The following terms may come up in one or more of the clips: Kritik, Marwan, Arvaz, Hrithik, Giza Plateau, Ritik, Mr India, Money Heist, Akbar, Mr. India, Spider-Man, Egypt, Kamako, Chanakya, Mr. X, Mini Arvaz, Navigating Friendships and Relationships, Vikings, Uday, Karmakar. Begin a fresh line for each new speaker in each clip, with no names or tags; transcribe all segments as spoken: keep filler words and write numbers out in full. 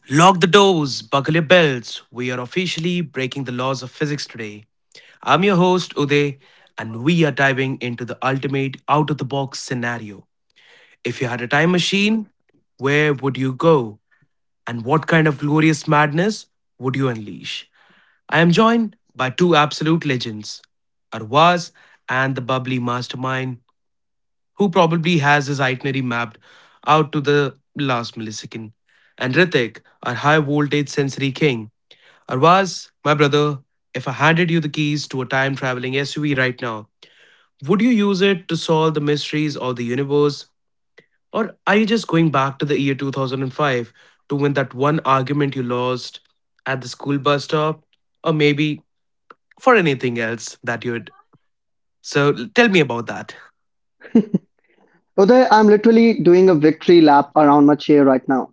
Lock the doors, buckle your belts. We are officially breaking the laws of physics today. I'm your host, Uday, and we are diving into the ultimate out of the box scenario. If you had a time machine, where would you go? And what kind of glorious madness would you unleash? I am joined by two absolute legends, Arwaz and the bubbly mastermind, who probably has his itinerary mapped out to the last millisecond, and Ritik, our high voltage sensory king. Arvaz, my brother, if I handed you the keys to a time traveling S U V right now, would you use it to solve the mysteries of the universe? Or are you just going back to the year two thousand five to win that one argument you lost at the school bus stop? Or maybe for anything else that you'd. So l- tell me about that.
Uday, I'm literally doing a victory lap around my chair right now,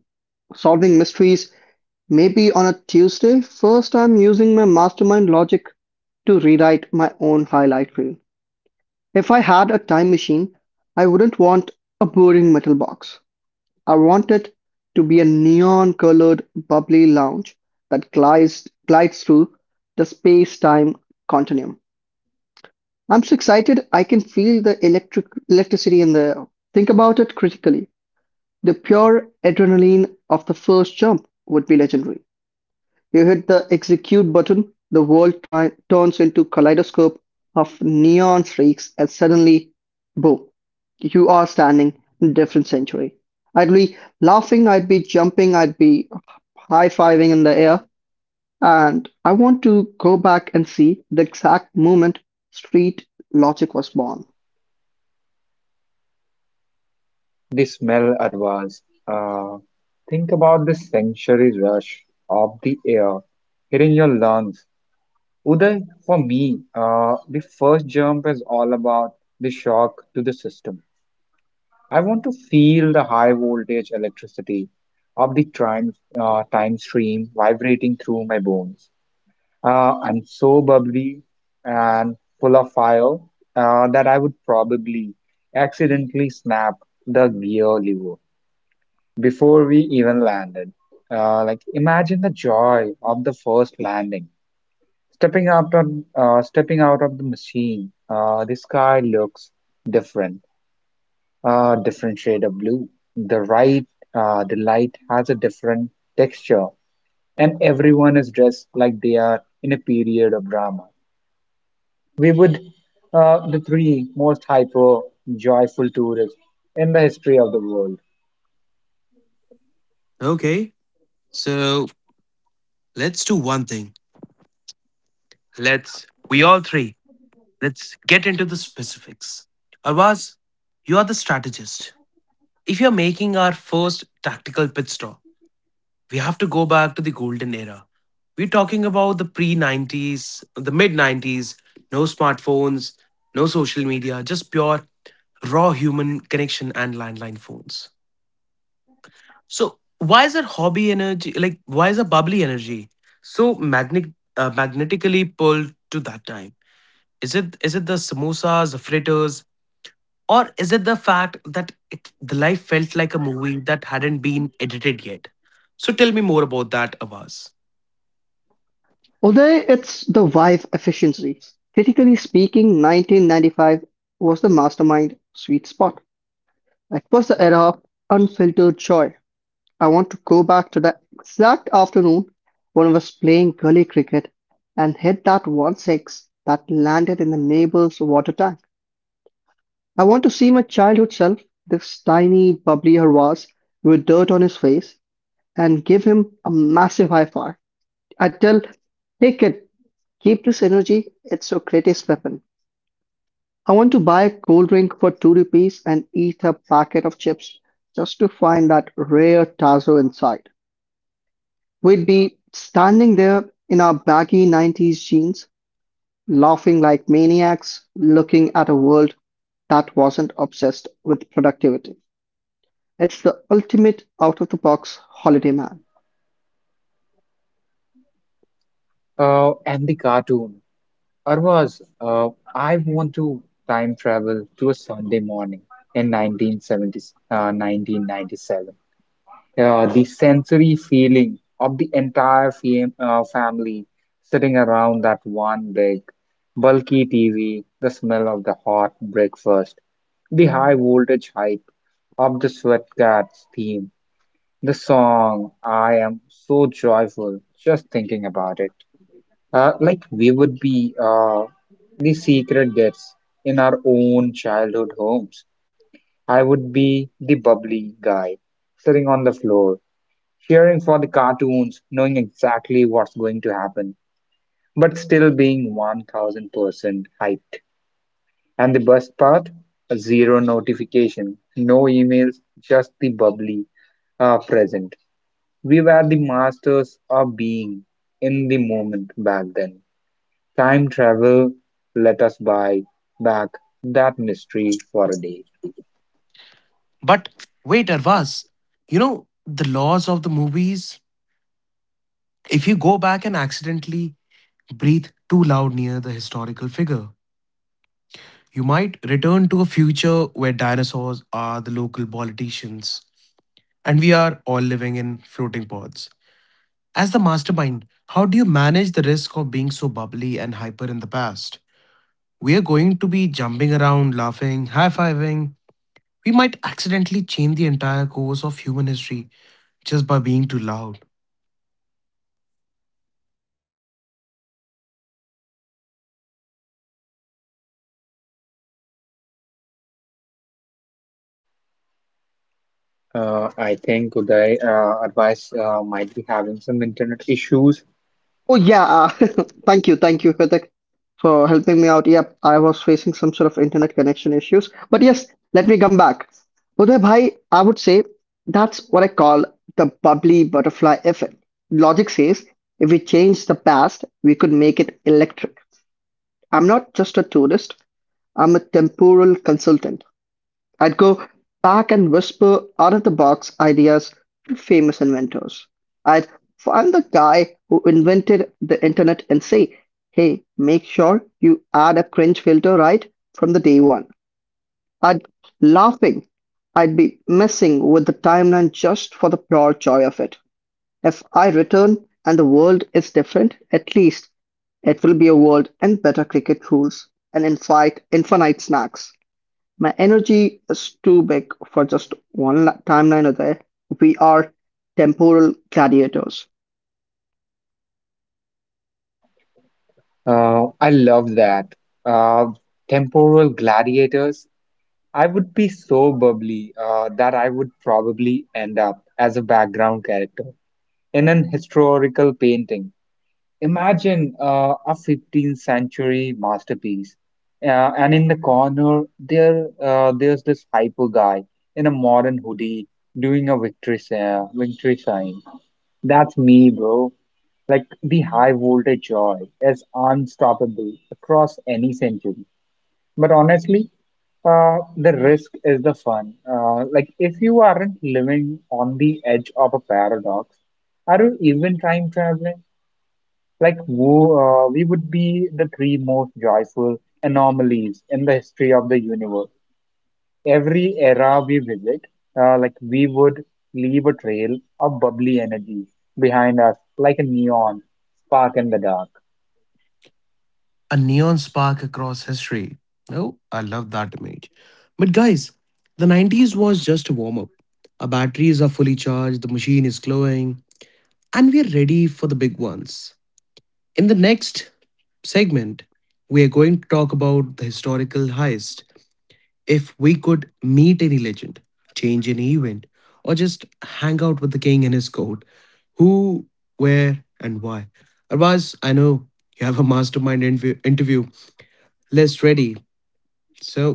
solving mysteries. Maybe on a Tuesday, first I'm using my mastermind logic to rewrite my own highlight reel. If I had a time machine, I wouldn't want a boring metal box. I want it to be a neon colored bubbly lounge that glides, glides through the space time continuum. I'm so excited I can feel the electric electricity in the air. Think about it critically. The pure adrenaline of the first jump would be legendary. You hit the execute button, the world tri- turns into a kaleidoscope of neon streaks, and suddenly, boom, you are standing in a different century. I'd be laughing, I'd be jumping, I'd be high fiving in the air, and I want to go back and see the exact moment street logic was born.
The smell arose, ah, think about the sensory rush of the air hitting your lungs. Uday, for me, uh, the first jump is all about the shock to the system. I want to feel the high voltage electricity of the time, uh, time stream vibrating through my bones. Uh, I'm so bubbly and full of fire uh, that I would probably accidentally snap the gear lever before we even landed. Uh, like imagine the joy of the first landing, stepping out of uh, stepping out of the machine. Uh, the sky looks different, uh, different shade of blue. The right, uh, the light has a different texture, and everyone is dressed like they are in a period of drama. We would, uh, the three most hyper joyful tourists in the history of the world.
Okay, so let's do one thing. Let's, we all three, let's get into the specifics. Arvaz, you are the strategist. If you're making our first tactical pit stop, we have to go back to the golden era. We're talking about the pre nineties, the mid nineties, no smartphones, no social media, just pure raw human connection and landline phones. So, why is our hobby energy, like, why is our bubbly energy so magnet, uh, magnetically pulled to that time? Is it is it the samosas, the fritters, or is it the fact that it, the life felt like a movie that hadn't been edited yet? So tell me more about that, Avaz.
Although it's the wife efficiency, critically speaking, nineteen ninety-five was the mastermind sweet spot. It was the era of unfiltered joy. I want to go back to the exact afternoon when I was playing gully cricket and hit that one six that landed in the neighbor's water tank. I want to see my childhood self, this tiny, bubbly Harwas with dirt on his face, and give him a massive high five. I tell, hey kid, keep this energy, it's your greatest weapon. I want to buy a cold drink for two rupees and eat a packet of chips just to find that rare tazo inside. We'd be standing there in our baggy nineties jeans, laughing like maniacs, looking at a world that wasn't obsessed with productivity. It's the ultimate out of the box holiday man.
Uh, and the cartoon. Arvaz, uh, I want to time travel to a Sunday morning in nineteen seventy, uh, nineteen ninety-seven. Uh, the sensory feeling of the entire fam uh, family sitting around that one big, bulky T V, the smell of the hot breakfast, the high voltage hype of the Sweatcats theme, the song. I am so joyful just thinking about it. Uh, like we would be uh, the secret gets in our own childhood homes. I would be the bubbly guy, sitting on the floor, cheering for the cartoons, knowing exactly what's going to happen, but still being one thousand percent hyped. And the best part? Zero notification, no emails, just the bubbly uh, present. We were the masters of being in the moment back then. Time travel let us buy back that mystery for a day.
But wait, Arvaz, you know, the laws of the movies. If you go back and accidentally breathe too loud near the historical figure, you might return to a future where dinosaurs are the local politicians and we are all living in floating pods. As the mastermind, how do you manage the risk of being so bubbly and hyper in the past? We are going to be jumping around, laughing, high fiving. We might accidentally change the entire course of human history just by being too loud.
Uh, I think Uday, uh, advice uh, might be having some internet issues.
Oh yeah, uh, thank you, thank you, Kritik, for helping me out. Yep, I was facing some sort of internet connection issues, but yes, let me come back. Uday bhai, I would say that's what I call the bubbly butterfly effect. Logic says if we change the past, we could make it electric. I'm not just a tourist, I'm a temporal consultant. I'd go back and whisper out-of-the-box ideas to famous inventors. I'd find the guy who invented the internet and say, hey, make sure you add a cringe filter right from the day one. I'd laughing. I'd be messing with the timeline just for the pure joy of it. If I return and the world is different, at least it will be a world and better cricket rules and infinite, infinite snacks. My energy is too big for just one la- timeline of there. We are temporal gladiators.
Uh, I love that. Uh, Temporal gladiators. I would be so bubbly uh, that I would probably end up as a background character in an historical painting. Imagine uh, a fifteenth century masterpiece, uh, and in the corner there uh, there's this hyper guy in a modern hoodie doing a victory sa- victory sign. That's me, bro. Like the high voltage joy is unstoppable across any century. But honestly, uh, the risk is the fun. Uh, like if you aren't living on the edge of a paradox, are you even time traveling? Like wo- uh, we would be the three most joyful anomalies in the history of the universe. Every era we visit, uh, like we would leave a trail of bubbly energy behind us, like a neon spark in the dark.
A neon spark across history. Oh, I love that image. But guys, the nineties was just a warm up. Our batteries are fully charged, the machine is glowing, and we are ready for the big ones. In the next segment, we are going to talk about the historical heist. If we could meet any legend, change any event, or just hang out with the king and his court, who, where, and why? Otherwise, I know you have a mastermind interview, interview list ready. So,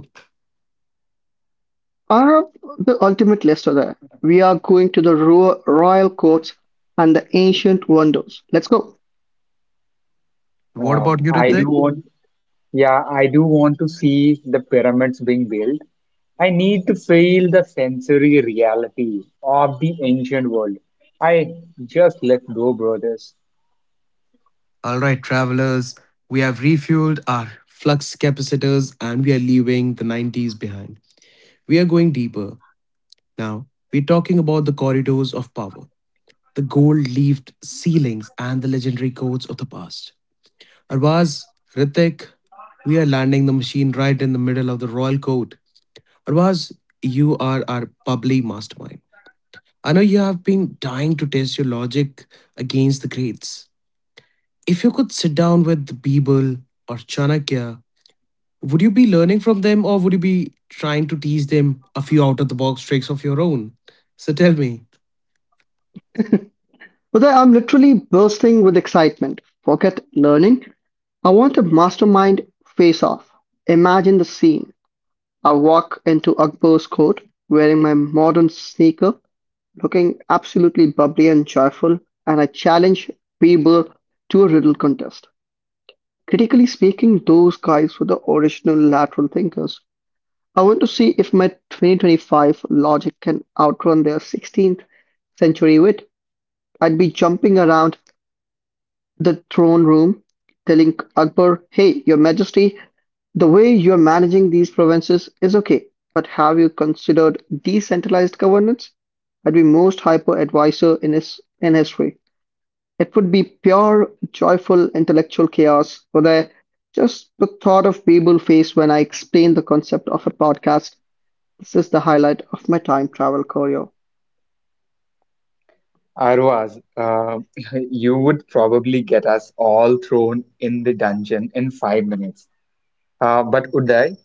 I have the ultimate list of there. We are going to the ro- royal courts and the ancient wonders. Let's go.
what
Uh,
about you,
I
Ritik?
do want, yeah, I do want to see the pyramids being built. I need to feel the sensory reality of the ancient world. I just let go, brothers.
All right, travelers, we have refueled our flux capacitors and we are leaving the nineties behind. We are going deeper. Now, we're talking about the corridors of power, the gold leafed ceilings, and the legendary codes of the past. Arvaz, Ritik, we are landing the machine right in the middle of the royal court. Arvaz, you are our bubbly mastermind. I know you have been dying to test your logic against the greats. If you could sit down with the Bible or Chanakya, would you be learning from them or would you be trying to teach them a few out of the box tricks of your own? So tell me,
Uday, I'm literally bursting with excitement. Forget learning. I want a mastermind face off. Imagine the scene. I walk into Akbar's court wearing my modern sneaker looking absolutely bubbly and joyful, and I challenge people to a riddle contest. Critically speaking, those guys were the original lateral thinkers. I want to see if my twenty twenty-five logic can outrun their sixteenth century wit. I'd be jumping around the throne room, telling Akbar, hey, Your Majesty, the way you're managing these provinces is okay, but have you considered decentralized governance? I'd be most hyper advisor in his in history. It would be pure, joyful intellectual chaos for the just the thought of Babel face when I explain the concept of a podcast. This is the highlight of my time travel choreo.
Arvaz, uh, you would probably get us all thrown in the dungeon in five minutes. Uh, but Uday,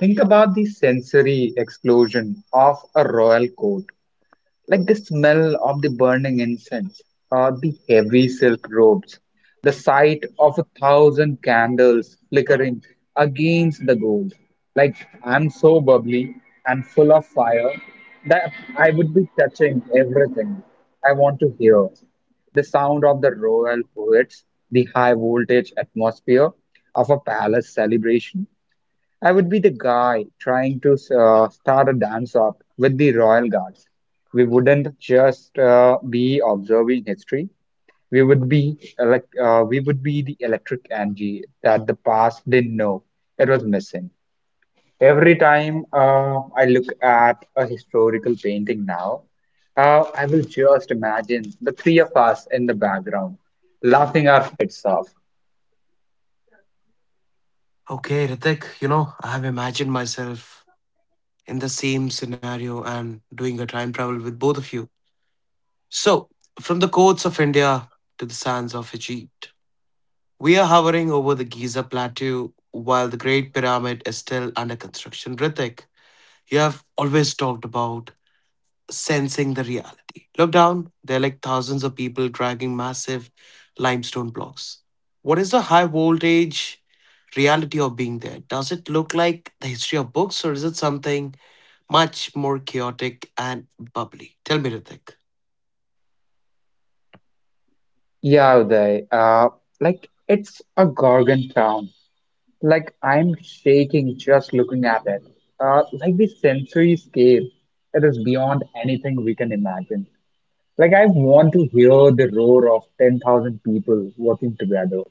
think about the sensory explosion of a royal court. Like the smell of the burning incense, or the heavy silk robes, the sight of a thousand candles flickering against the gold. Like I'm so bubbly and full of fire that I would be touching everything. I want to hear the sound of the royal poets, the high voltage atmosphere of a palace celebration. I would be the guy trying to uh, start a dance up with the Royal Guards. We wouldn't just uh, be observing history. We would be elect uh, we would be the electric energy that the past didn't know it was missing. Every time uh, I look at a historical painting now, uh, I will just imagine the three of us in the background laughing our heads off.
Okay, Ritik, you know, I have imagined myself in the same scenario and doing a time travel with both of you. So, from the coasts of India to the sands of Egypt, we are hovering over the Giza Plateau while the Great Pyramid is still under construction. Ritik, you have always talked about sensing the reality. Look down, there are like thousands of people dragging massive limestone blocks. What is the high voltage reality of being there? Does it look like the history of books or is it something much more chaotic and bubbly? Tell me, Ritik.
Yeah, Uday, uh, like it's a Gorgon town. Like I'm shaking just looking at it. Uh, like the sensory-scape, it is beyond anything we can imagine. Like I want to hear the roar of ten thousand people working together.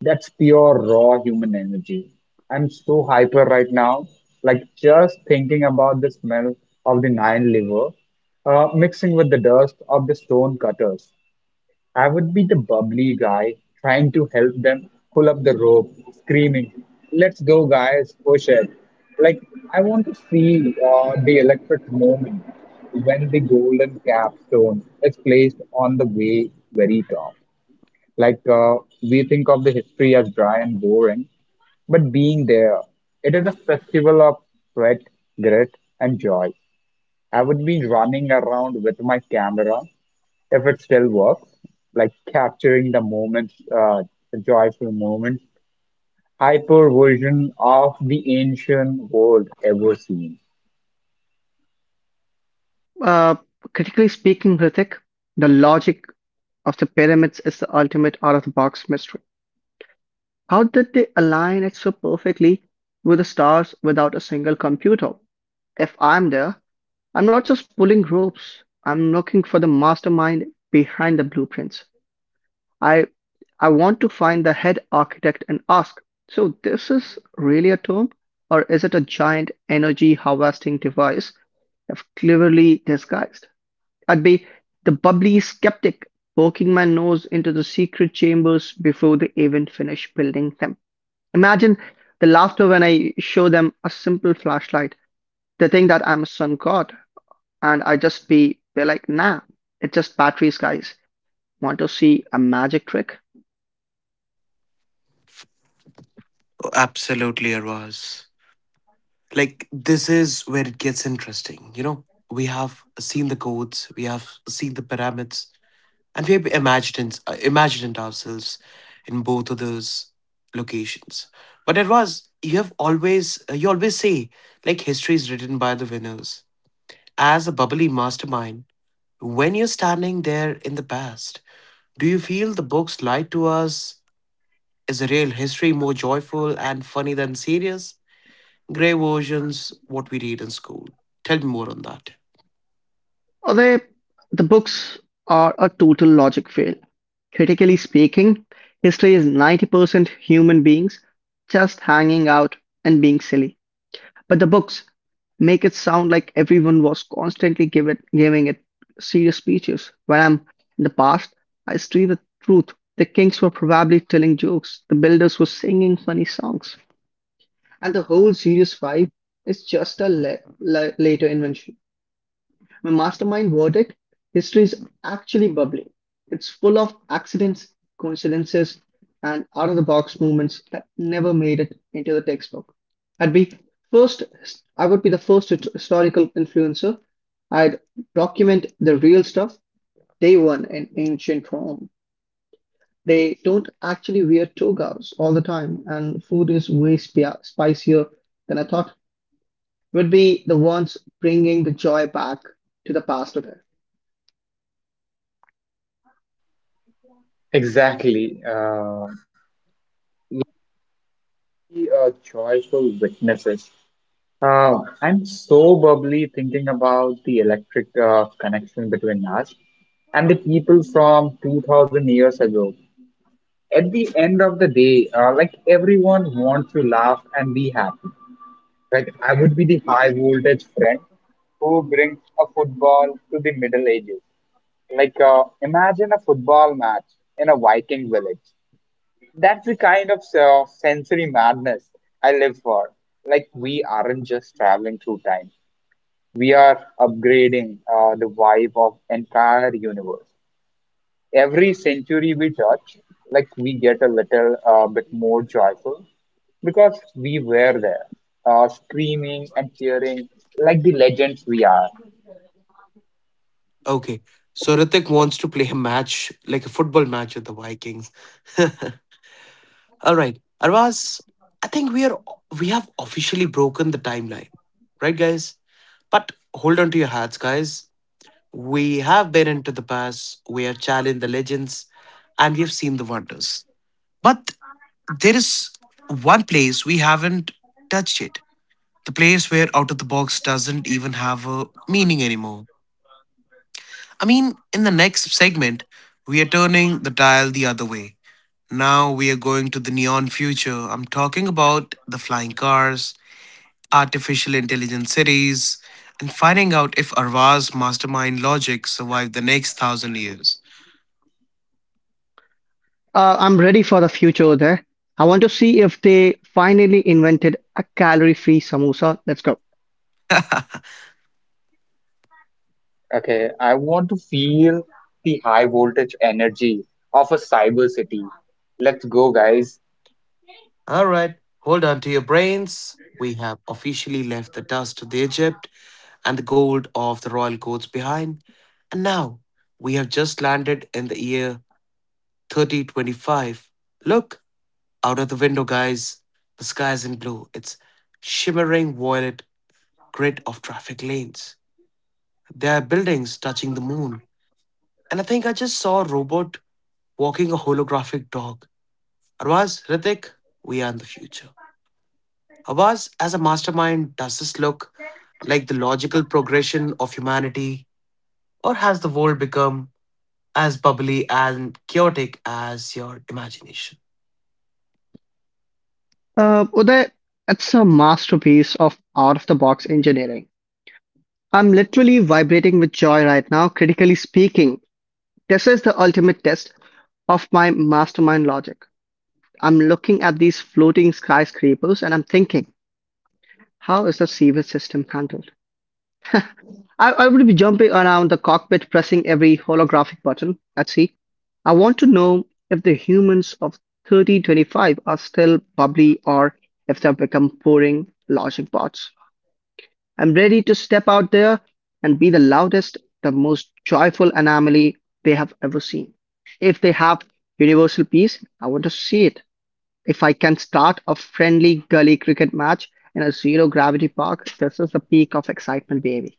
That's pure raw human energy. I'm so hyper right now. Like just thinking about the smell of the nine liver, uh, mixing with the dust of the stone cutters. I would be the bubbly guy trying to help them pull up the rope, screaming, "Let's go, guys, push it." Like, I want to see uh, the electric moment when the golden capstone is placed on the way very top. Like, uh, we think of the history as dry and boring, but being there, it is a festival of sweat, grit, and joy. I would be running around with my camera if it still works, like capturing the moments, uh, the joyful moments, hyper version of the ancient world ever seen.
Uh, Critically speaking, Hrithik, the logic of the pyramids is the ultimate out of the box mystery. How did they align it so perfectly with the stars without a single computer? If I'm there, I'm not just pulling ropes. I'm looking for the mastermind behind the blueprints. I I want to find the head architect and ask, so this is really a tomb or is it a giant energy harvesting device that's cleverly disguised? I'd be the bubbly skeptic poking my nose into the secret chambers before they even finish building them. Imagine the laughter when I show them a simple flashlight. They think that I'm a sun god and I just be be like, nah, it's just batteries, guys. Want to see a magic trick?
Oh, absolutely, Arvaz. Like, this is where it gets interesting. You know, we have seen the codes, we have seen the pyramids, and we have imagined uh, imagined ourselves in both of those locations, but it was, you have always uh, you always say, like, history is written by the winners. As a bubbly mastermind, when you're standing there in the past, do you feel the books lied to us? Is the real history more joyful and funny than serious grey versions, what we read in school? Tell me more on that.
Or they the books are a total logic fail. Critically speaking, history is ninety percent human beings just hanging out and being silly. But the books make it sound like everyone was constantly give it, giving it serious speeches. When I'm in the past, I see the truth. The kings were probably telling jokes. The builders were singing funny songs. And the whole Series five is just a la- la- later invention. My mastermind verdict history is actually bubbling. It's full of accidents, coincidences, and out of the box movements that never made it into the textbook. I'd be first, I would be the first hist- historical influencer. I'd document the real stuff, day one in ancient Rome. They don't actually wear togas all the time, and food is way spi- spicier than I thought would be the ones bringing the joy back to the past there.
Exactly. Uh, be a joyful witnesses. Uh, I'm so bubbly thinking about the electric uh, connection between us and the people from two thousand years ago. At the end of the day, uh, like everyone wants to laugh and be happy. Like I would be the high voltage friend who brings a football to the Middle Ages. Like uh, imagine a football match in a Viking village. That's the kind of uh, sensory madness I live for. Like we aren't just traveling through time; we are upgrading uh, the vibe of entire universe every century we touch, like we get a little uh, bit more joyful because we were there, uh, screaming and cheering like the legends we are.
Okay. So Ritik wants to play a match, like a football match with the Vikings. All right. Arvaz, I think we are we have officially broken the timeline. Right, guys? But hold on to your hats, guys. We have been into the past, we have challenged the legends, and we have seen the wonders. But there is one place we haven't touched it, the place where out of the box doesn't even have a meaning anymore. I mean, in the next segment, we are turning the dial the other way. Now we are going to the neon future. I'm talking about the flying cars, artificial intelligence cities, and finding out if Arva's mastermind logic survived the next thousand years.
Uh, I'm ready for the future there. I want to see if they finally invented a calorie-free samosa. Let's go.
Okay, I want to feel the high voltage energy of a cyber city. Let's go, guys.
All right, hold on to your brains. We have officially left the dust of the Egypt and the gold of the royal courts behind, and now we have just landed in the year thirty twenty-five. Look out of the window, guys. The sky is in blue. It's shimmering violet grid of traffic lanes. There are buildings touching the moon, and I think I just saw a robot walking a holographic dog. Arvaz, Ritik, we are in the future. Arvaz, as a mastermind, does this look like the logical progression of humanity, or has the world become as bubbly and chaotic as your imagination?
Uh, Uday, that's a masterpiece of out-of-the-box engineering. I'm literally vibrating with joy right now, critically speaking. This is the ultimate test of my mastermind logic. I'm looking at these floating skyscrapers and I'm thinking, how is the sewage system handled? I, I would be jumping around the cockpit pressing every holographic button at sea. I want to know if the humans of thirty twenty-five are still bubbly or if they've become boring logic bots. I'm ready to step out there and be the loudest, the most joyful anomaly they have ever seen. If they have universal peace, I want to see it. If I can start a friendly gully cricket match in a zero gravity park, this is the peak of excitement, baby.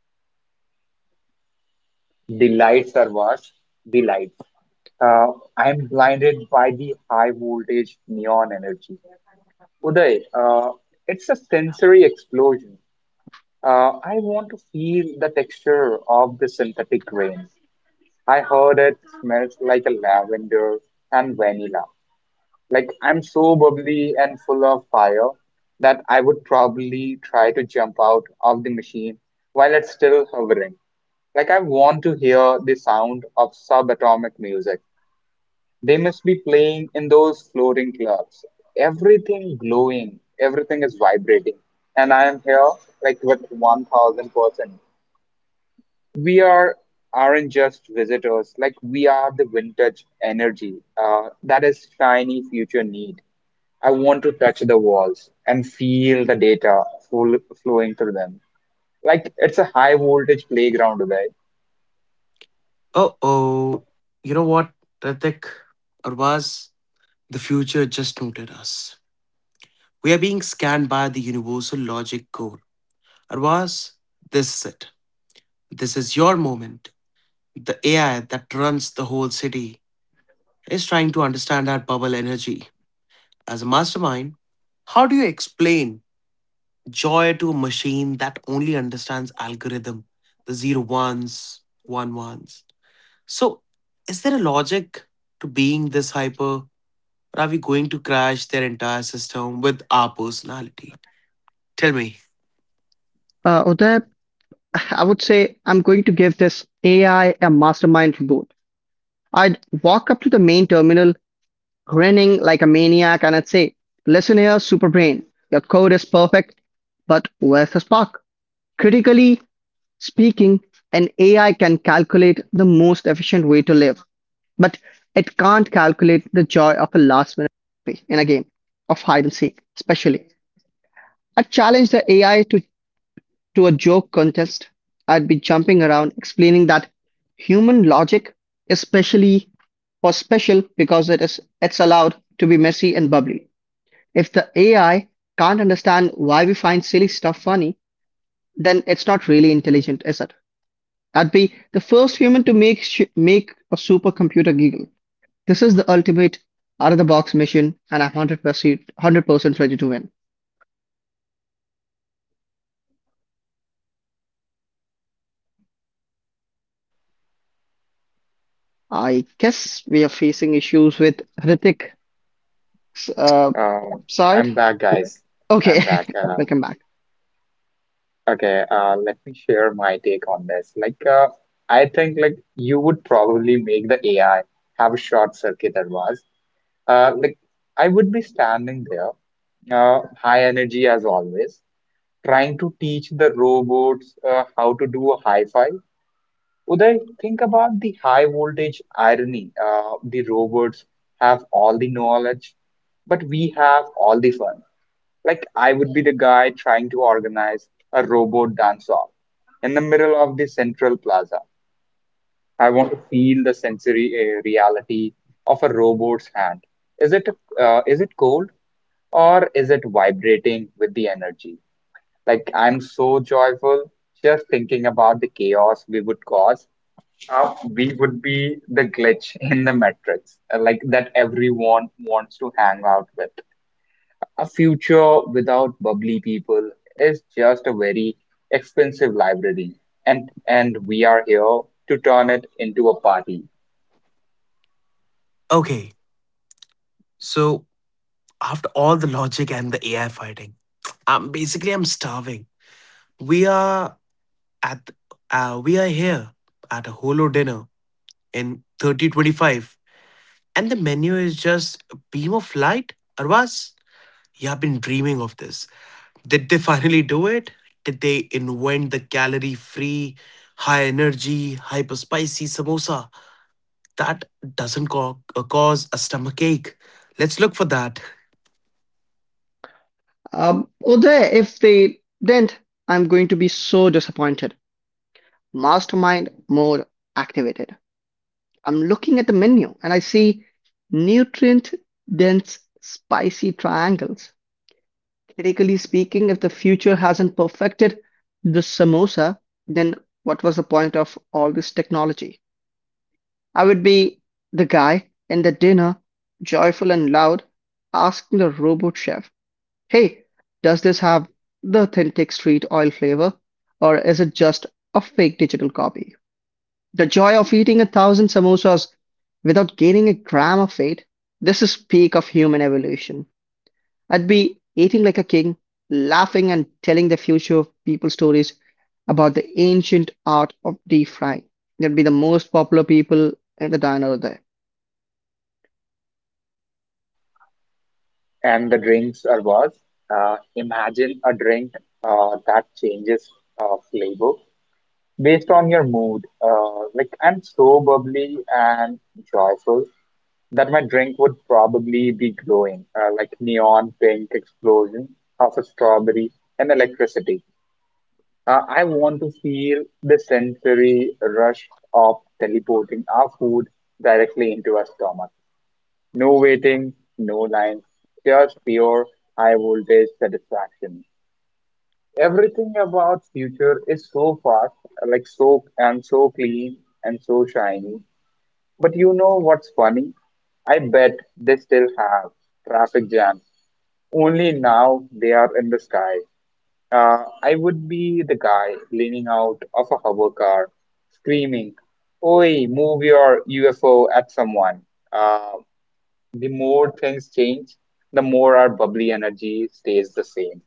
The lights are what? The lights. Uh, I'm blinded by the high voltage neon energy. Uday, uh, it's a sensory explosion. Uh, I want to feel the texture of the synthetic grain. I heard it smells like a lavender and vanilla. Like I'm so bubbly and full of fire that I would probably try to jump out of the machine while it's still hovering. Like I want to hear the sound of subatomic music. They must be playing in those floating clubs. Everything glowing, everything is vibrating. And I am here like with one thousand percent. We are Aren't just visitors, like we are the vintage energy uh, that is shiny future need. I want to touch the walls and feel the data full, flowing through them like it's a high voltage playground today.
Uh oh. You know what, Ritik? Or the future just noted us? We are being scanned by the universal logic core. Arvaz, this is it. This is your moment. The A I that runs the whole city is trying to understand our bubble energy. As a mastermind, how do you explain joy to a machine that only understands algorithm, the zero ones, one ones. So, is there a logic to being this hyper, or are we going to crash their entire system with our personality? Tell me.
Uh, Uday, I would say I'm going to give this A I a mastermind reboot. I'd walk up to the main terminal, grinning like a maniac, and I'd say, listen here, Superbrain, your code is perfect, but where's the spark? Critically speaking, an A I can calculate the most efficient way to live, but it can't calculate the joy of a last minute victory in a game of hide and seek, especially. I challenge the A I to to a joke contest. I'd be jumping around explaining that human logic especially, specially special because it is it's allowed to be messy and bubbly. If the A I can't understand why we find silly stuff funny, then it's not really intelligent, is it? I'd be the first human to make sh- make a supercomputer giggle. This is the ultimate out of the box mission, and I'm one hundred percent one hundred percent ready to win. I guess we are facing issues with Hrithik s- uh,
uh,
side.
I'm back, guys.
Okay,
I'm back, uh,
welcome back.
okay uh, Let me share my take on this, like uh, I think like you would probably make the AI have a short circuit advice. Uh, like I would be standing there, uh, high energy as always, trying to teach the robots uh, how to do a high five. Would I think about the high voltage irony? Uh, the robots have all the knowledge, but we have all the fun. Like I would be the guy trying to organize a robot dance off in the middle of the central plaza. I want to feel the sensory uh, reality of a robot's hand. Is it uh, is it cold? Or is it vibrating with the energy? Like, I'm so joyful just thinking about the chaos we would cause. How we would be the glitch in the matrix, uh, like that everyone wants to hang out with. A future without bubbly people is just a very expensive library, and and we are here to turn it into a party.
Okay, so after all the logic and the A I fighting, I'm basically I'm starving. We are at uh, we are here at a holo dinner in thirty twenty-five and the menu is just a beam of light. Arvas, yeah, I've been dreaming of this. Did they finally do it? Did they invent the calorie free, high energy, hyper spicy samosa that doesn't co- uh, cause a stomach ache? Let's look for that.
Um, Uday, if they didn't, I'm going to be so disappointed. Mastermind mode activated. I'm looking at the menu and I see nutrient dense spicy triangles. Critically speaking, if the future hasn't perfected the samosa, then what was the point of all this technology? I would be the guy in the dinner, joyful and loud, asking the robot chef, hey, does this have the authentic street oil flavor, or is it just a fake digital copy? The joy of eating a thousand samosas without gaining a gram of weight. This is peak of human evolution. I'd be eating like a king, laughing and telling the future of people stories about the ancient art of deep frying. They'd be the most popular people in the diner there.
And the drinks are was. Uh, imagine a drink uh, that changes uh, flavor based on your mood. Uh, like I'm so bubbly and joyful that my drink would probably be glowing, uh, like neon pink explosion of a strawberry and electricity. Uh, I want to feel the sensory rush of teleporting our food directly into our stomach. No waiting, no lines, just pure high voltage satisfaction. Everything about future is so fast, like so and so clean and so shiny. But you know what's funny? I bet they still have traffic jams. Only now they are in the sky. Uh, I would be the guy leaning out of a hover car, screaming, "Oi, move your U F O at someone!" Uh, the more things change, the more our bubbly energy stays the same.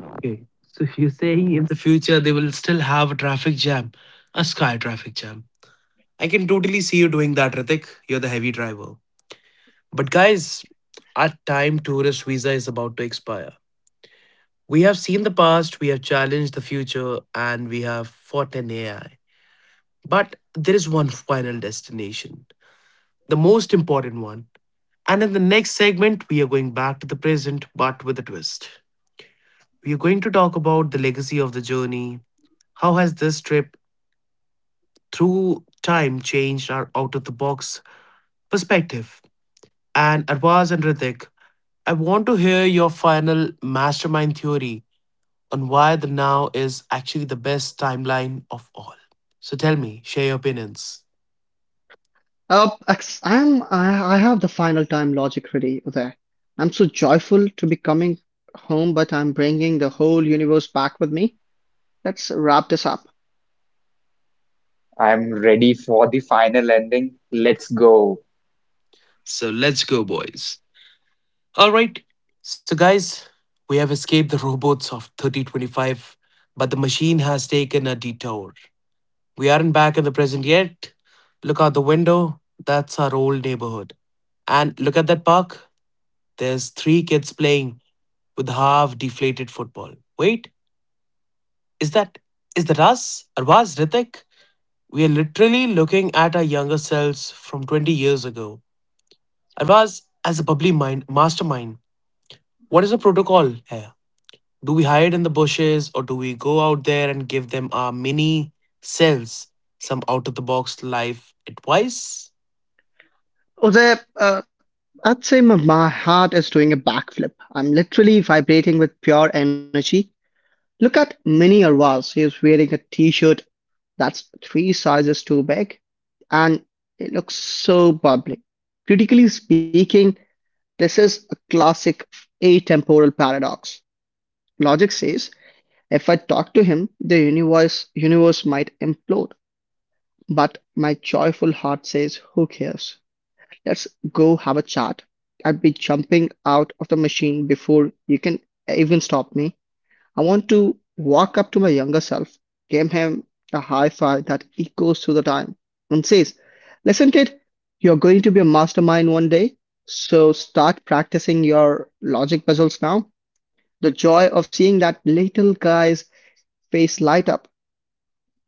Okay, so you're saying in the future they will still have a traffic jam, a sky traffic jam. I can totally see you doing that, Ritik. You're the heavy driver. But guys, our time tourist visa is about to expire. We have seen the past, we have challenged the future, and we have fought an A I. But there is one final destination, the most important one. And in the next segment, we are going back to the present, but with a twist. We are going to talk about the legacy of the journey. How has this trip through time changed our out of the box perspective? And Arvaz and Ritik, I want to hear your final mastermind theory on why the now is actually the best timeline of all. So tell me, share your opinions.
Uh, ex- I'm, I, I have the final time logic ready there. I'm so joyful to be coming home, but I'm bringing the whole universe back with me. Let's wrap this up.
I'm ready for the final ending. Let's go.
So let's go, boys. All right. So, guys, we have escaped the robots of thirty twenty-five, but the machine has taken a detour. We aren't back in the present yet. Look out the window. That's our old neighborhood. And look at that park. There's three kids playing with half deflated football. Wait, is that is that us? Or was Ritik? We are literally looking at our younger selves from twenty years ago. Arvaz, as a bubbly mind, mastermind, what is the protocol here? Do we hide in the bushes or do we go out there and give them our mini selves some out of the box life advice?
Uday, uh, I'd say my, my heart is doing a backflip. I'm literally vibrating with pure energy. Look at Mini Arvaz. He is wearing a t-shirt that's three sizes too big, and it looks so bubbly. Critically speaking, this is a classic atemporal paradox. Logic says, if I talk to him, the universe, universe might implode. But my joyful heart says, who cares? Let's go have a chat. I'd be jumping out of the machine before you can even stop me. I want to walk up to my younger self, give him a high five that echoes through the time, and says, listen, kid, you're going to be a mastermind one day, so start practicing your logic puzzles now. The joy of seeing that little guy's face light up.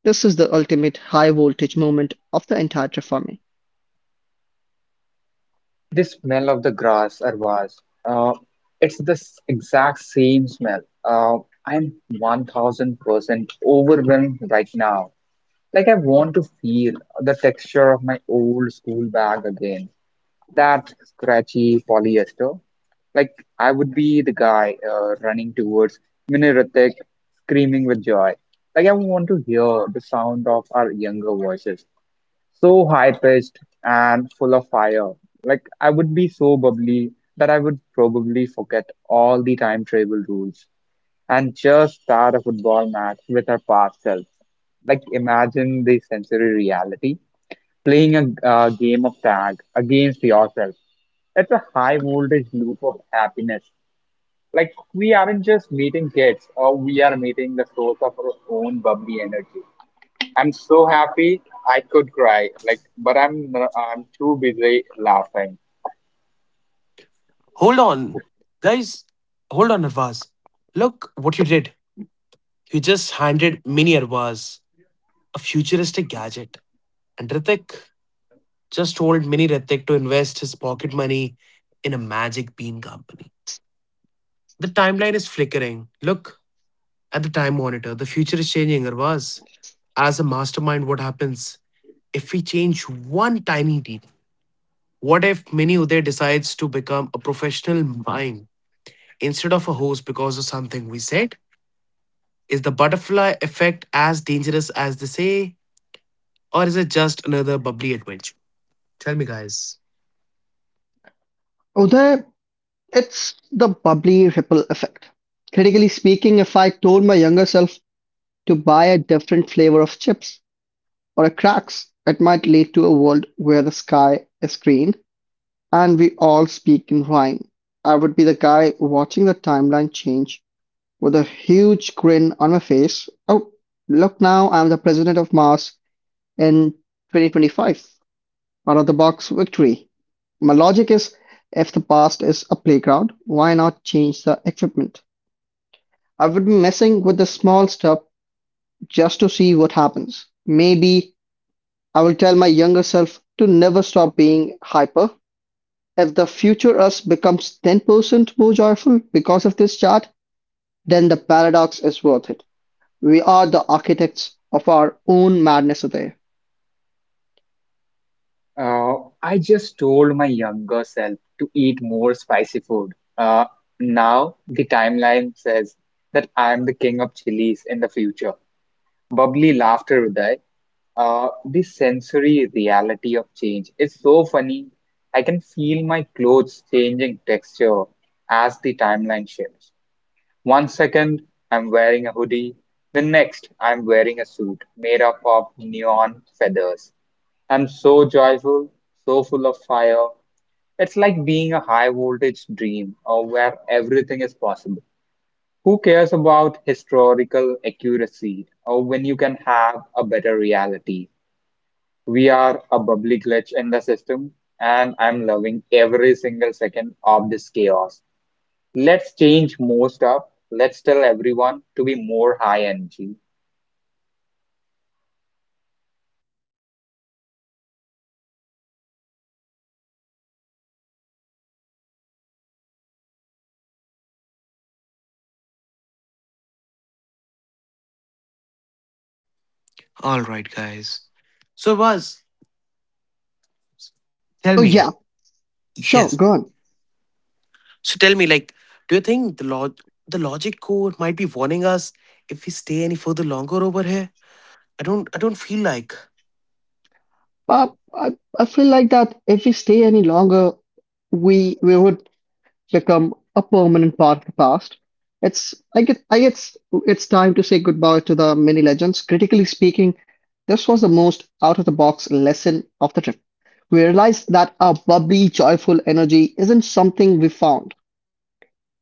This is the ultimate high voltage moment of the entire Triforme.
The smell of the grass, Arvaz. Uh, it's the s- exact same smell. Uh, I'm one thousand percent overwhelmed right now. Like, I want to feel the texture of my old school bag again. That scratchy polyester. Like, I would be the guy uh, running towards Miniratik, screaming with joy. Like, I want to hear the sound of our younger voices, so high pitched and full of fire. Like I would be so bubbly that I would probably forget all the time travel rules and just start a football match with our past selves. Like imagine the sensory reality, playing a uh, game of tag against yourself. It's a high voltage loop of happiness. Like we aren't just meeting kids, or we are meeting the source of our own bubbly energy. I'm so happy I could cry, like, but I'm n- I'm too busy laughing.
Hold on. Guys, hold on, Arvaz. Look what you did. You just handed Mini Arvaz a futuristic gadget. And Ritik just told Mini Ritik to invest his pocket money in a magic bean company. The timeline is flickering. Look at the time monitor. The future is changing, or was. As a mastermind, what happens if we change one tiny detail? What if Mini Uday decides to become a professional mime instead of a host because of something we said? Is the butterfly effect as dangerous as they say, or is it just another bubbly adventure? Tell me, guys.
There! It's the bubbly ripple effect. Critically speaking, if I told my younger self to buy a different flavor of chips or a cracks, it might lead to a world where the sky is green and we all speak in rhyme. I would be the guy watching the timeline change with a huge grin on my face. Oh, look now, I'm the president of Mars in twenty twenty-five. Out-of-the-box victory! My logic is, if the past is a playground, why not change the equipment? I would be messing with the small stuff just to see what happens. Maybe I will tell my younger self to never stop being hyper. If the future us becomes ten percent more joyful because of this chart, then the paradox is worth it. We are the architects of our own madness today.
Uh, I just told my younger self to eat more spicy food. Uh, now the timeline says that I'm the king of chilies in the future. Bubbly laughter, Uday. Uh, the sensory reality of change is so funny. I can feel my clothes changing texture as the timeline shifts. One second I'm wearing a hoodie, the next I'm wearing a suit made up of neon feathers. I'm so joyful, so full of fire. It's like being a high voltage dream or where everything is possible. Who cares about historical accuracy or when you can have a better reality? We are a bubbly glitch in the system, and I'm loving every single second of this chaos. Let's change more stuff. Let's tell everyone to be more high energy.
All right, guys. So, was tell
Oh
me.
yeah,
Yes.
sure, go on.
So tell me, like, do you think the log the logic core might be warning us if we stay any further longer over here? I don't I don't feel like.
But I, I feel like that if we stay any longer, we we would become a permanent part of the past. It's I get I guess it's time to say goodbye to the mini legends. Critically speaking, this was the most out of the box lesson of the trip. We realized that our bubbly, joyful energy isn't something we found.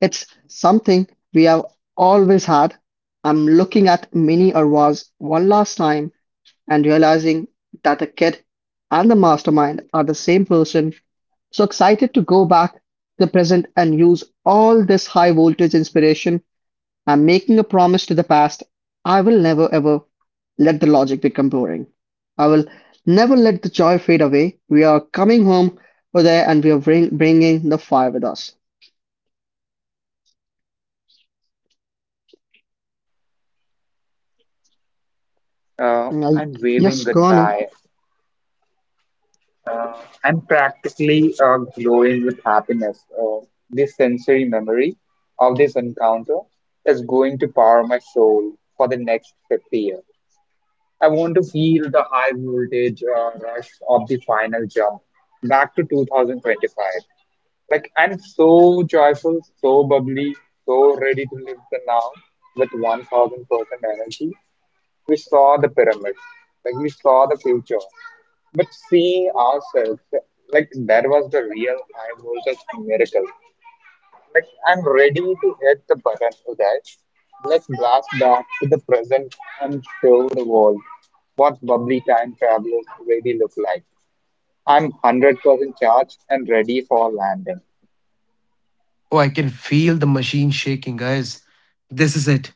It's something we have always had. I'm looking at Mini Arwaz one last time and realizing that the kid and the mastermind are the same person, so excited to go back to the present and use all this high voltage inspiration. I'm making a promise to the past. I will never ever let the logic become boring. I will never let the joy fade away. We are coming home over there and we are bring, bringing the fire with us.
Uh, I'm
Like,
waving
yes, Connor,
goodbye. I'm practically uh, glowing with happiness. Uh, this sensory memory of this encounter is going to power my soul for the next fifty years. I want to feel the high voltage uh, rush of the final jump back to twenty twenty-five. Like I'm so joyful, so bubbly, so ready to live the now with one thousand percent energy. We saw the pyramid, like we saw the future, but seeing ourselves, like that was the real high voltage miracle. Like I'm ready to hit the button for that. Let's blast back to the present and show the world what bubbly time travelers really look like. I'm one hundred percent charged and ready for landing.
Oh, I can feel the machine shaking, guys. This is it.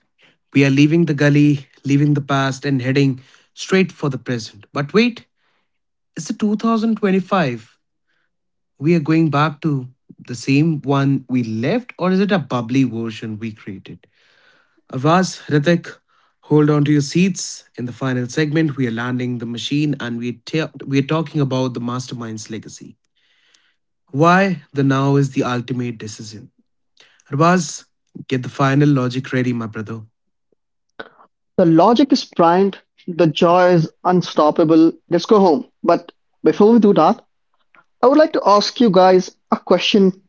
We are leaving the gully, leaving the past, and heading straight for the present. But wait, it's the twenty twenty-five. We are going back to the same one we left, or is it a bubbly version we created? Avaz, Ritik, hold on to your seats. In the final segment, we are landing the machine and we, ta- we are talking about the mastermind's legacy. Why the now is the ultimate decision. Avaz, get the final logic ready, my brother.
the logic is primed, the joy is unstoppable. Let's go home. But before we do that, I would like to ask you guys a question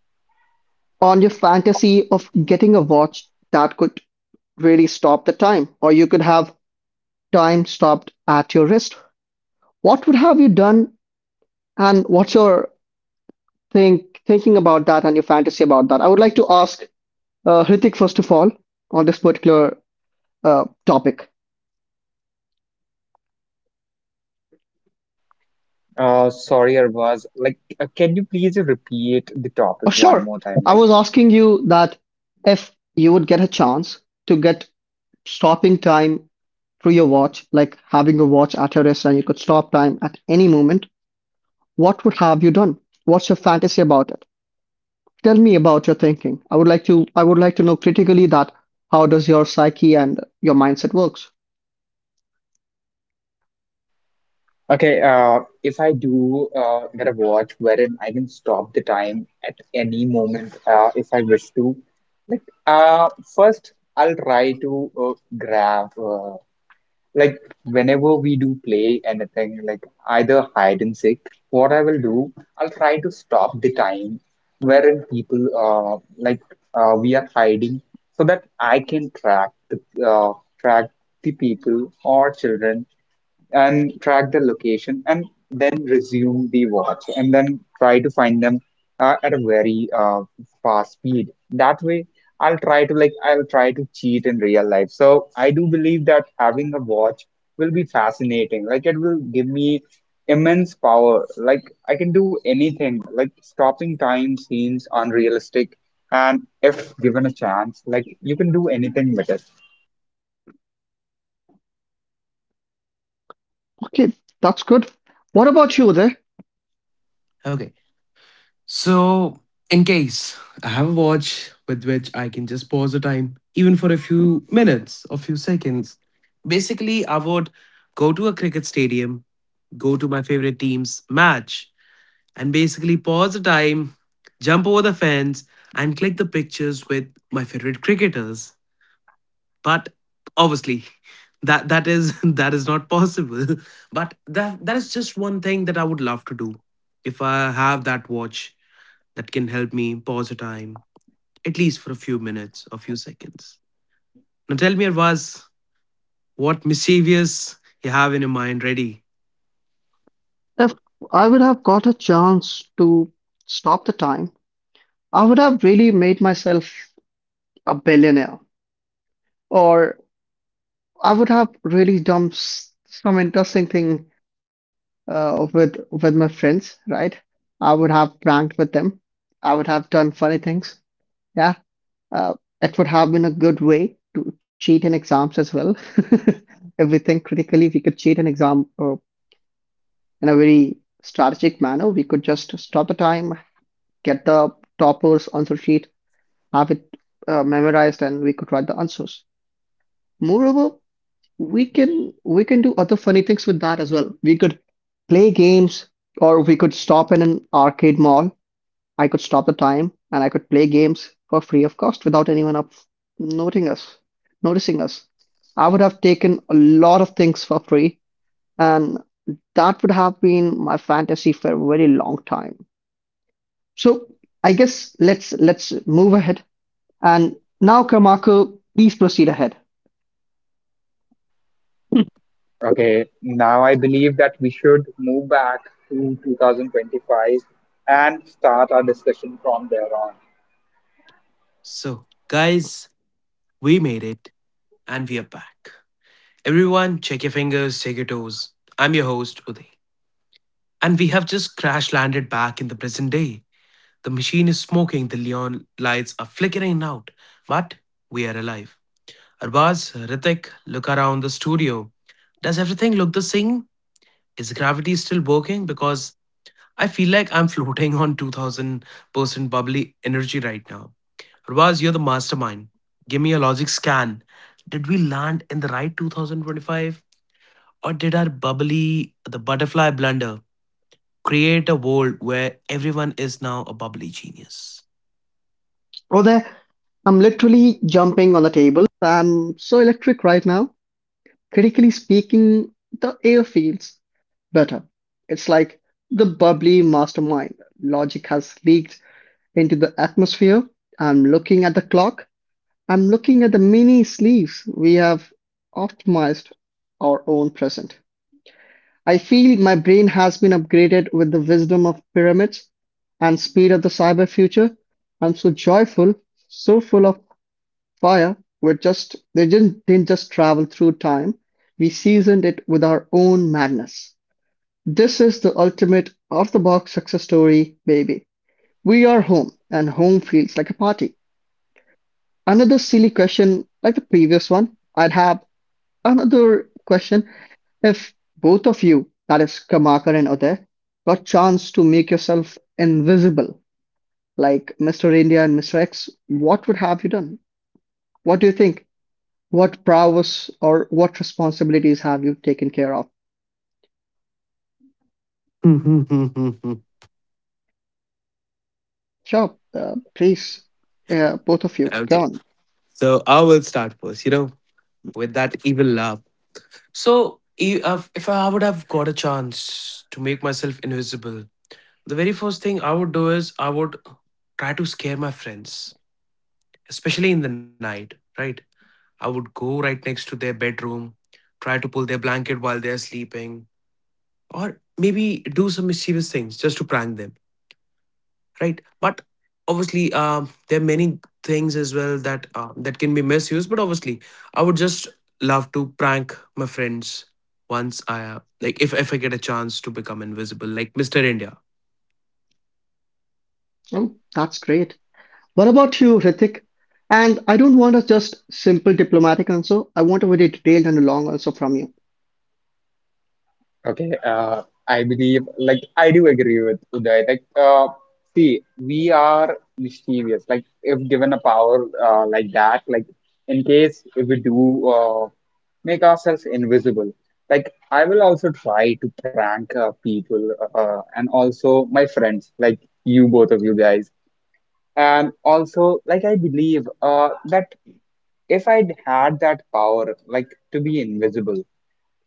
on your fantasy of getting a watch that could really stop the time, or you could have time stopped at your wrist. What would have you done, and what's your think thinking about that and your fantasy about that? I would like to ask uh, Hrithik first of all on this particular uh, topic.
Uh, sorry, Arbaz. Like, uh, can you please repeat the
Oh,
topic one
sure.
more time?
I
Like,
was asking you that if you would get a chance to get stopping time through your watch, like having a watch at your wrist and you could stop time at any moment, what would have you done? What's your fantasy about it? Tell me about your thinking. I would like to I would like to know critically that how does your psyche and your mindset works.
okay, uh, if I do uh, get a watch wherein I can stop the time at any moment uh, if I wish to, like, uh, first I'll try to uh, grab. uh, Like whenever we do play anything, like either hide and seek, what I will do, I'll try to stop the time wherein people uh like uh, we are hiding so that I can track the uh, track the people or children and track the location and then resume the watch and then try to find them uh, at a very uh, fast speed. That way i'll try to like I'll try to cheat in real life. So I do believe that having a watch will be fascinating. Like it will give me immense power, like I can do anything. Like stopping time seems unrealistic, and if given a chance, like you can do anything with it.
Okay, that's good. What about you there?
Okay. So, in case I have a watch with which I can just pause the time, even for a few minutes or few seconds, basically, I would go to a cricket stadium, go to my favorite team's match, and basically pause the time, jump over the fence, and click the pictures with my favorite cricketers. But obviously, that that is that is not possible. But that that is just one thing that I would love to do. If I have that watch that can help me pause the time, at least for a few minutes, a few seconds. Now tell me, Arvaz, what mischievous you have in your mind ready.
If I would have got a chance to stop the time, I would have really made myself a billionaire, or I would have really done s- some interesting thing uh, with with my friends, right? I would have pranked with them. I would have done funny things. Yeah, uh, it would have been a good way to cheat in exams as well. If we think critically, we could cheat an exam uh, in a very strategic manner. We could just stop the time, get the toppers answer sheet, have it uh, memorized, and we could write the answers. Moreover, we can we can do other funny things with that as well. We could play games, or we could stop in an arcade mall. I could stop the time, and I could play games for free of cost without anyone up noting us, noticing us. I would have taken a lot of things for free, and that would have been my fantasy for a very long time. So I guess let's let's move ahead. And now, Kamako, please proceed ahead.
Okay, now I believe that we should move back to twenty twenty-five and start our discussion from there on.
So, guys, we made it and we are back. Everyone, check your fingers, check your toes. I'm your host, Uday. And we have just crash landed back in the present day. The machine is smoking, the neon lights are flickering out, but we are alive. Arbaz, Ritik, look around the studio. Does everything look the same? Is gravity still working? Because I feel like I'm floating on two thousand percent bubbly energy right now. Arbaz, you're the mastermind. Give me a logic scan. Did we land in the right twenty twenty-five? Or did our bubbly, the butterfly blunder, create a world where everyone is now a bubbly genius?
Were there I'm literally jumping on the table. I'm so electric right now. Critically speaking, the air feels better. It's like the bubbly mastermind. Logic has leaked into the atmosphere. I'm looking at the clock. I'm looking at the mini sleeves. We have optimized our own present. I feel my brain has been upgraded with the wisdom of pyramids and speed of the cyber future. I'm so joyful, so full of fire. Were just they didn't, didn't just travel through time. We seasoned it with our own madness. This is the ultimate out the box success story, baby. We are home, and home feels like a party. Another silly question, like the previous one. I'd have another question if both of you, that is Kamakar and Uday, got chance to make yourself invisible, like Mister India and Mister X, what would have you done? What do you think? What prowess or what responsibilities have you taken care of?
okay.
Sure, uh, please, uh, both of you, go on.
So I will start first, you know, with that evil laugh. So, i- if if I would have got a chance to make myself invisible, the very first thing I would do is I would try to scare my friends, especially in the night, right? I would go right next to their bedroom, try to pull their blanket while they're sleeping, or maybe do some mischievous things just to prank them, right? But obviously, um, there are many things as well that uh, that can be misused, but obviously I would just love to prank my friends once I uh, like, if, if I get a chance to become invisible like Mr. India.
Oh, that's great. What about you, Hrithik? And I don't want a just simple diplomatic answer. I want a very detailed and a long answer from you.
Okay, uh, I believe, like, I do agree with Uday. Like, uh, see, we are mischievous. Like, if given a power uh, like that, like, in case if we do uh, make ourselves invisible, like, I will also try to prank uh, people uh, and also my friends, like you both of you guys. And also, like I believe uh, that if I'd had that power, like to be invisible,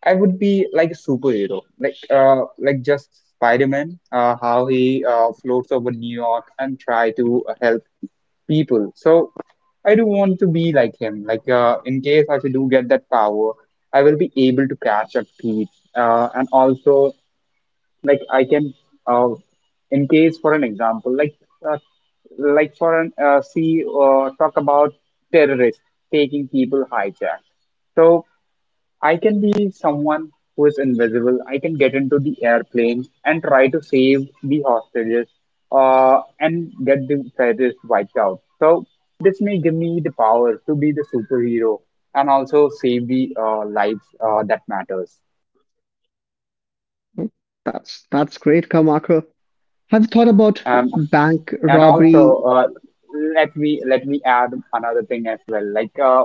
I would be like a superhero, like uh, like just Spider-Man, uh, how he uh, floats over New York and try to help people. So I do want to be like him. Like uh, in case if I do get that power, I will be able to catch up Pete. Uh, and also like I can, uh, in case for an example, like uh, like for an uh, see uh, talk about terrorists taking people hijacked. So I can be someone who is invisible. I can get into the airplane and try to save the hostages, uh, and get the terrorists wiped out. So this may give me the power to be the superhero and also save the uh, lives uh, that matters.
Well, That's that's great, Kamako. Have you thought about
Um,
bank
and
robbery?
also uh, let me let me add another thing as well, like uh,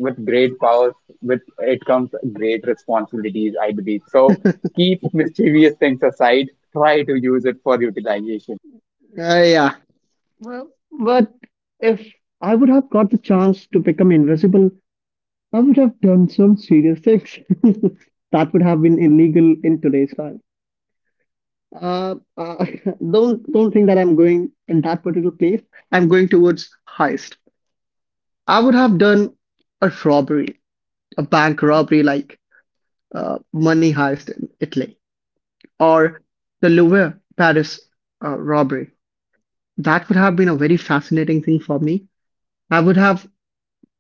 with great powers with it comes great responsibilities, I believe. So keep mischievous things aside, try to use it for utilization.
Uh, yeah, but if I would have got the chance to become invisible, I would have done some serious things. That would have been illegal in today's time. Uh, uh, don't don't think that I'm going in that particular place. I'm going towards heist. I would have done a robbery, a bank robbery like uh, money heist in Italy or the Louvre Paris uh, robbery. That would have been a very fascinating thing for me. I would have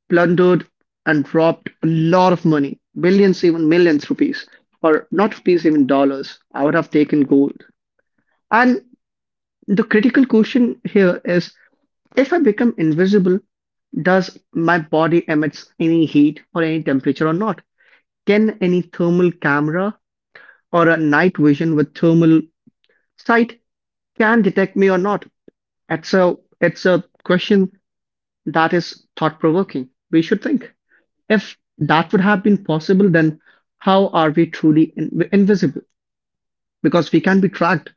plundered and robbed a lot of money, billions, even millions rupees, or not rupees, even dollars. I would have taken gold. And the critical question here is, if I become invisible, does my body emits any heat or any temperature or not? Can any thermal camera or a night vision with thermal sight can detect me or not? It's a it's a question that is thought provoking. We should think. If that would have been possible, then how are we truly in- invisible? Because we can be tracked.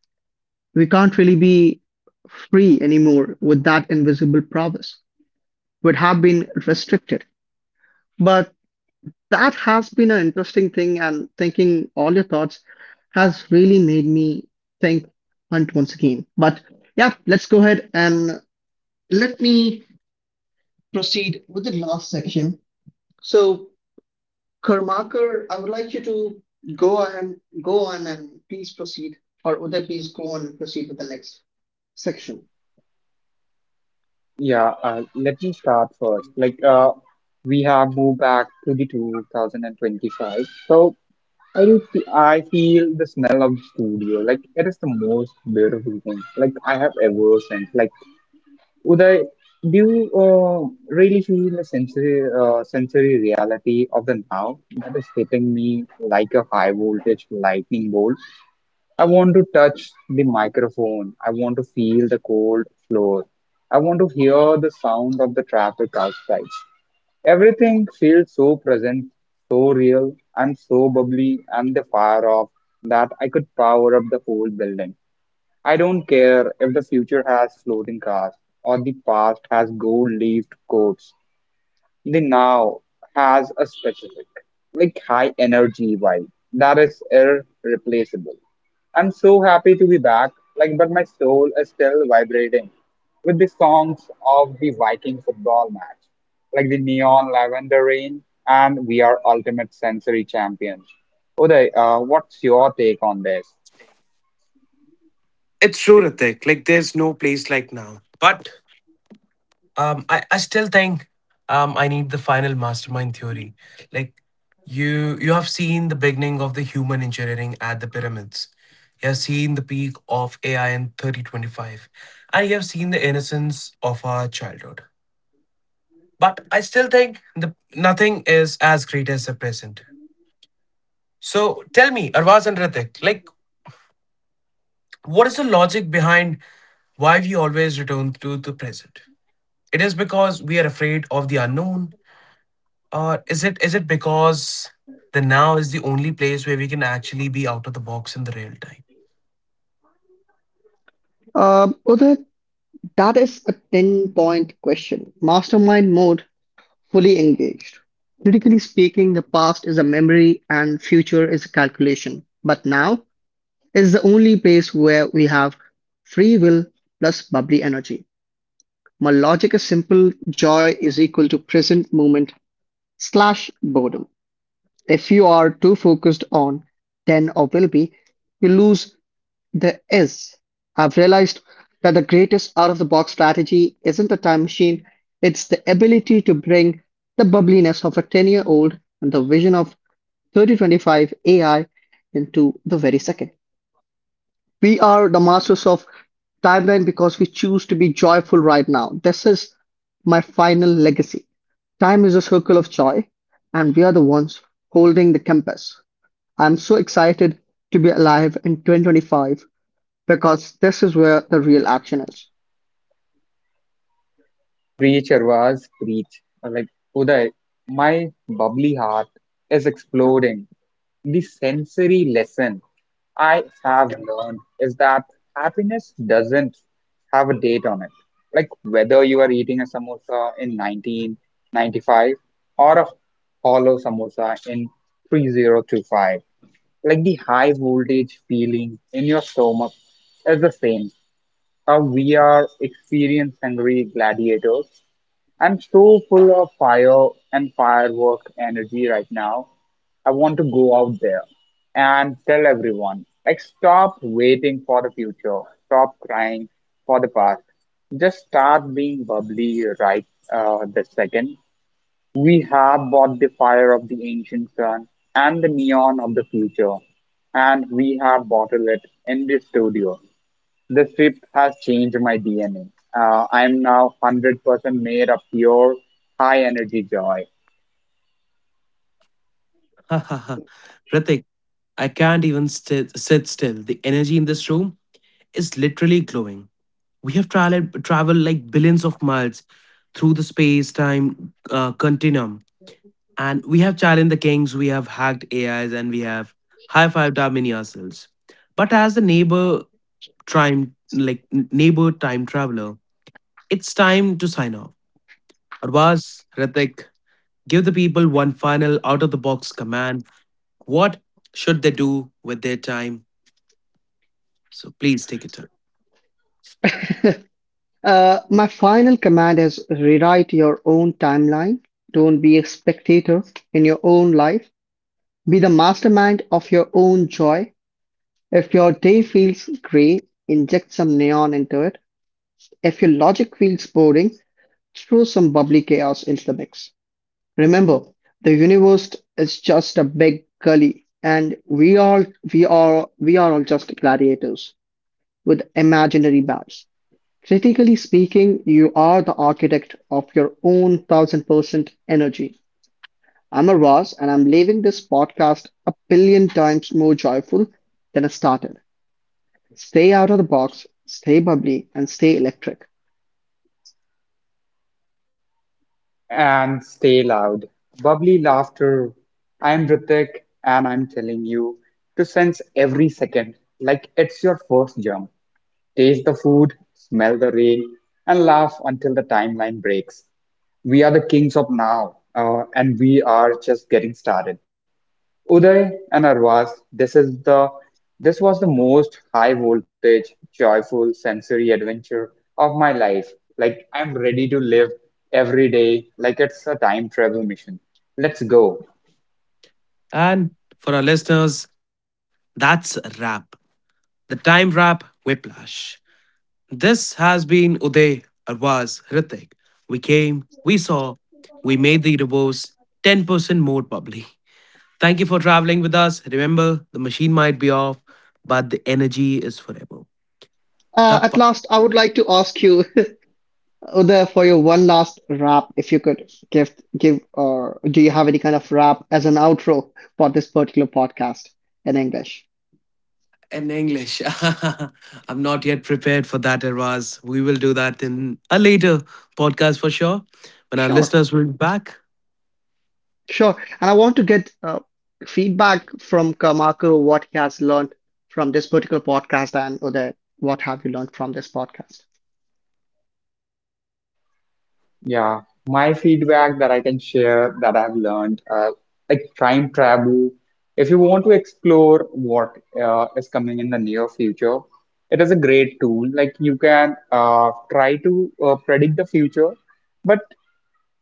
We can't really be free anymore with that invisible prowess. Would have been restricted. But that has been an interesting thing, and thinking all your thoughts has really made me think Hunt once again. But yeah, let's go ahead and let me proceed with the last section. So, Karmakar, I would like you to go ahead, go on and please proceed, or Uday, please go on and proceed with the next section.
Yeah, uh, let me start first, like uh, we have moved back to the twenty twenty-five. So I do fe- I feel the smell of the studio like it is the most beautiful thing like I have ever sensed. Like Uday, do you uh, really feel the sensory, uh, sensory reality of the now that is hitting me like a high voltage lightning bolt? I want to touch the microphone. I want to feel the cold floor. I want to hear the sound of the traffic outside. Everything feels so present, so real, and so bubbly, and the fire off that I could power up the whole building. I don't care if the future has floating cars or the past has gold-leafed coats. The now has a specific, like, high energy vibe that is irreplaceable. I'm so happy to be back, like, but my soul is still vibrating with the songs of the Viking football match, like the neon lavender rain, and we are ultimate sensory champions. Uday, uh, what's your take on this?
It's true, Ritik. Like there's no place like now. But um, I, I still think, um, I need the final mastermind theory. Like you you have seen the beginning of the human engineering at the pyramids. You have seen the peak of A I in thirty twenty-five. And you have seen the innocence of our childhood. But I still think the nothing is as great as the present. So tell me, Arvaz and Ritik, like what is the logic behind why we always return to the present? It is because we are afraid of the unknown. Uh, is it is it because the now is the only place where we can actually be out of the box in the real time?
Um, Uday, that is a ten point question. Mastermind mode fully engaged. Critically speaking, the past is a memory and future is a calculation. But now is the only place where we have free will plus bubbly energy. My logic is simple joy is equal to present moment slash boredom. If you are too focused on then or will be, you lose there is. Have realized that the greatest out-of-the-box strategy isn't a time machine, it's the ability to bring the bubbliness of a ten-year-old and the vision of thirty twenty-five A I into the very second. We are the masters of timeline because we choose to be joyful right now. This is my final legacy. Time is a circle of joy, and we are the ones holding the compass. I'm so excited to be alive in two thousand twenty-five because this is where the real action is.
Preach, was preach. Like Uday, my bubbly heart is exploding. The sensory lesson I have learned is that happiness doesn't have a date on it. Like whether you are eating a samosa in nineteen ninety-five or a hollow samosa in thirty twenty-five, like the high voltage feeling in your stomach is the same. How we are experience hungry gladiators. I'm so full of fire and firework energy right now. I want to go out there and tell everyone, like, stop waiting for the future, stop crying for the past. Just start being bubbly right uh, this second. We have bought the fire of the ancient sun and the neon of the future, and we have bottled it in the studio. This trip has changed my D N A. Uh, I'm now one hundred percent made of pure, high energy joy.
Ha ha ha. Pratik, I can't even st- sit still. The energy in this room is literally glowing. We have traveled traveled like billions of miles through the space-time uh, continuum, and we have challenged the kings. We have hacked A Is, and we have high-fived our mini ourselves. But as the neighbor time, like n- neighbor time traveler, it's time to sign off. Arvaz, Ritik, give the people one final out of the box command. What should they do with their time? So please take your time.
Uh, my final command is rewrite your own timeline. Don't be a spectator in your own life. Be the mastermind of your own joy. If your day feels gray, inject some neon into it. If your logic feels boring, throw some bubbly chaos into the mix. Remember, the universe is just a big gully, and we all we are we are all just gladiators with imaginary bats. Critically speaking, you are the architect of your own thousand percent energy. I'm a Ross, and I'm leaving this podcast a billion times more joyful than I started. Stay out of the box, stay bubbly, and stay electric.
And stay loud, bubbly laughter. I'm Ritik and I'm telling you to sense every second like it's your first jump. Taste the food, smell the rain, and laugh until the timeline breaks. We are the kings of now, uh, and we are just getting started. Uday and Arvaz, this is the this was the most high voltage, joyful sensory adventure of my life. Like I'm ready to live every day like it's a time travel mission. Let's go.
And for our listeners, that's a wrap. The time wrap whiplash. This has been Uday, Arvaz, Ritik. We came, we saw, we made the universe ten percent more bubbly. Thank you for traveling with us. Remember, the machine might be off, but the energy is forever.
Uh, at
Tappa.
last, I would like to ask you, Uday, for your one last rap, if you could give give or do you have any kind of rap as an outro for this particular podcast in English?
In English. I'm not yet prepared for that, Irvaz. We will do that in a later podcast for sure when our
Sure.
listeners will be back.
Sure. And I want to get uh, feedback from Marco, what he has learned from this particular podcast, and Uday, what have you learned from this podcast?
Yeah, my feedback that I can share that I've learned, uh, like time travel. If you want to explore what uh, is coming in the near future, it is a great tool. Like you can uh, try to uh, predict the future, but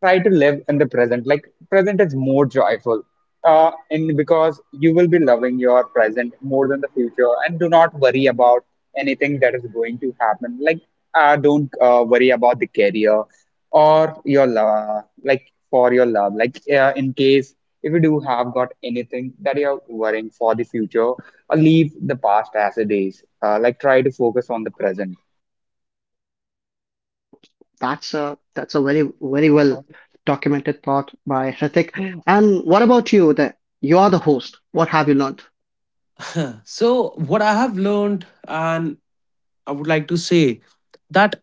try to live in the present. Like present is more joyful, uh, and because you will be loving your present more than the future, and do not worry about anything that is going to happen. Like uh, don't uh, worry about the career or your love, like for your love. Like uh, in case if you do have got anything that you are worrying for the future, uh, leave the past as it is. Uh, like try to focus on the present.
That's a that's a very very well documented thought by Hrithik. And what about you, Uday? You are the host. What have you learned?
so, what I have learned, and I would like to say that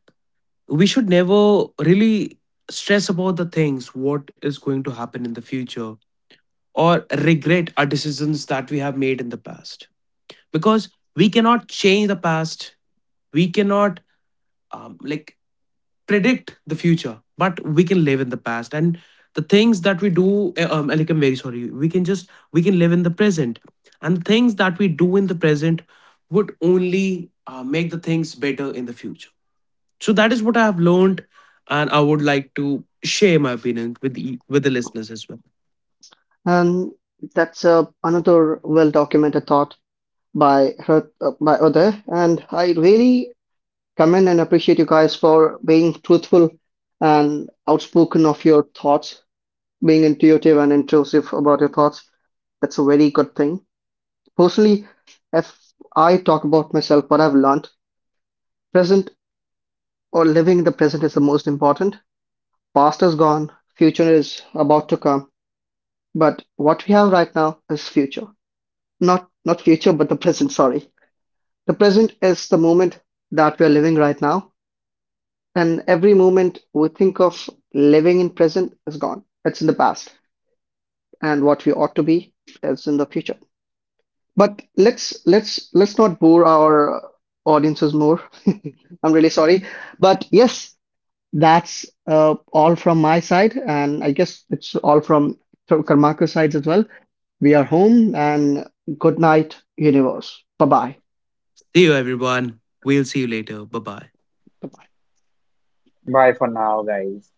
we should never really stress about the things what is going to happen in the future or regret our decisions that we have made in the past, because we cannot change the past, we cannot, um, like, predict the future, but we can live in the past. And the things that we do, eh, um, like, I'm very sorry, we can just we can live in the present, and the things that we do in the present would only uh, make the things better in the future. So that is what I have learned, and I would like to share my opinion with the with the listeners as well.
And that's uh, another well documented thought by Hrith, uh, by Uday. And I really commend and appreciate you guys for being truthful and outspoken of your thoughts, being intuitive and intrusive about your thoughts. That's a very good thing. Personally, if I talk about myself, what I've learned, present or living the present is the most important. Past is gone, future is about to come, but what we have right now is future. Not not future, but the present, sorry. The present is the moment that we are living right now. And every moment we think of living in present is gone. It's in the past. And what we ought to be is in the future. But let's let's let's not bore our audiences more. I'm really sorry. But yes, that's uh, all from my side, and I guess it's all from Karmaku's sides as well. We are home and good night, universe. Bye
See you, everyone. We'll see you later. Bye bye.
bye.
Bye for now, guys.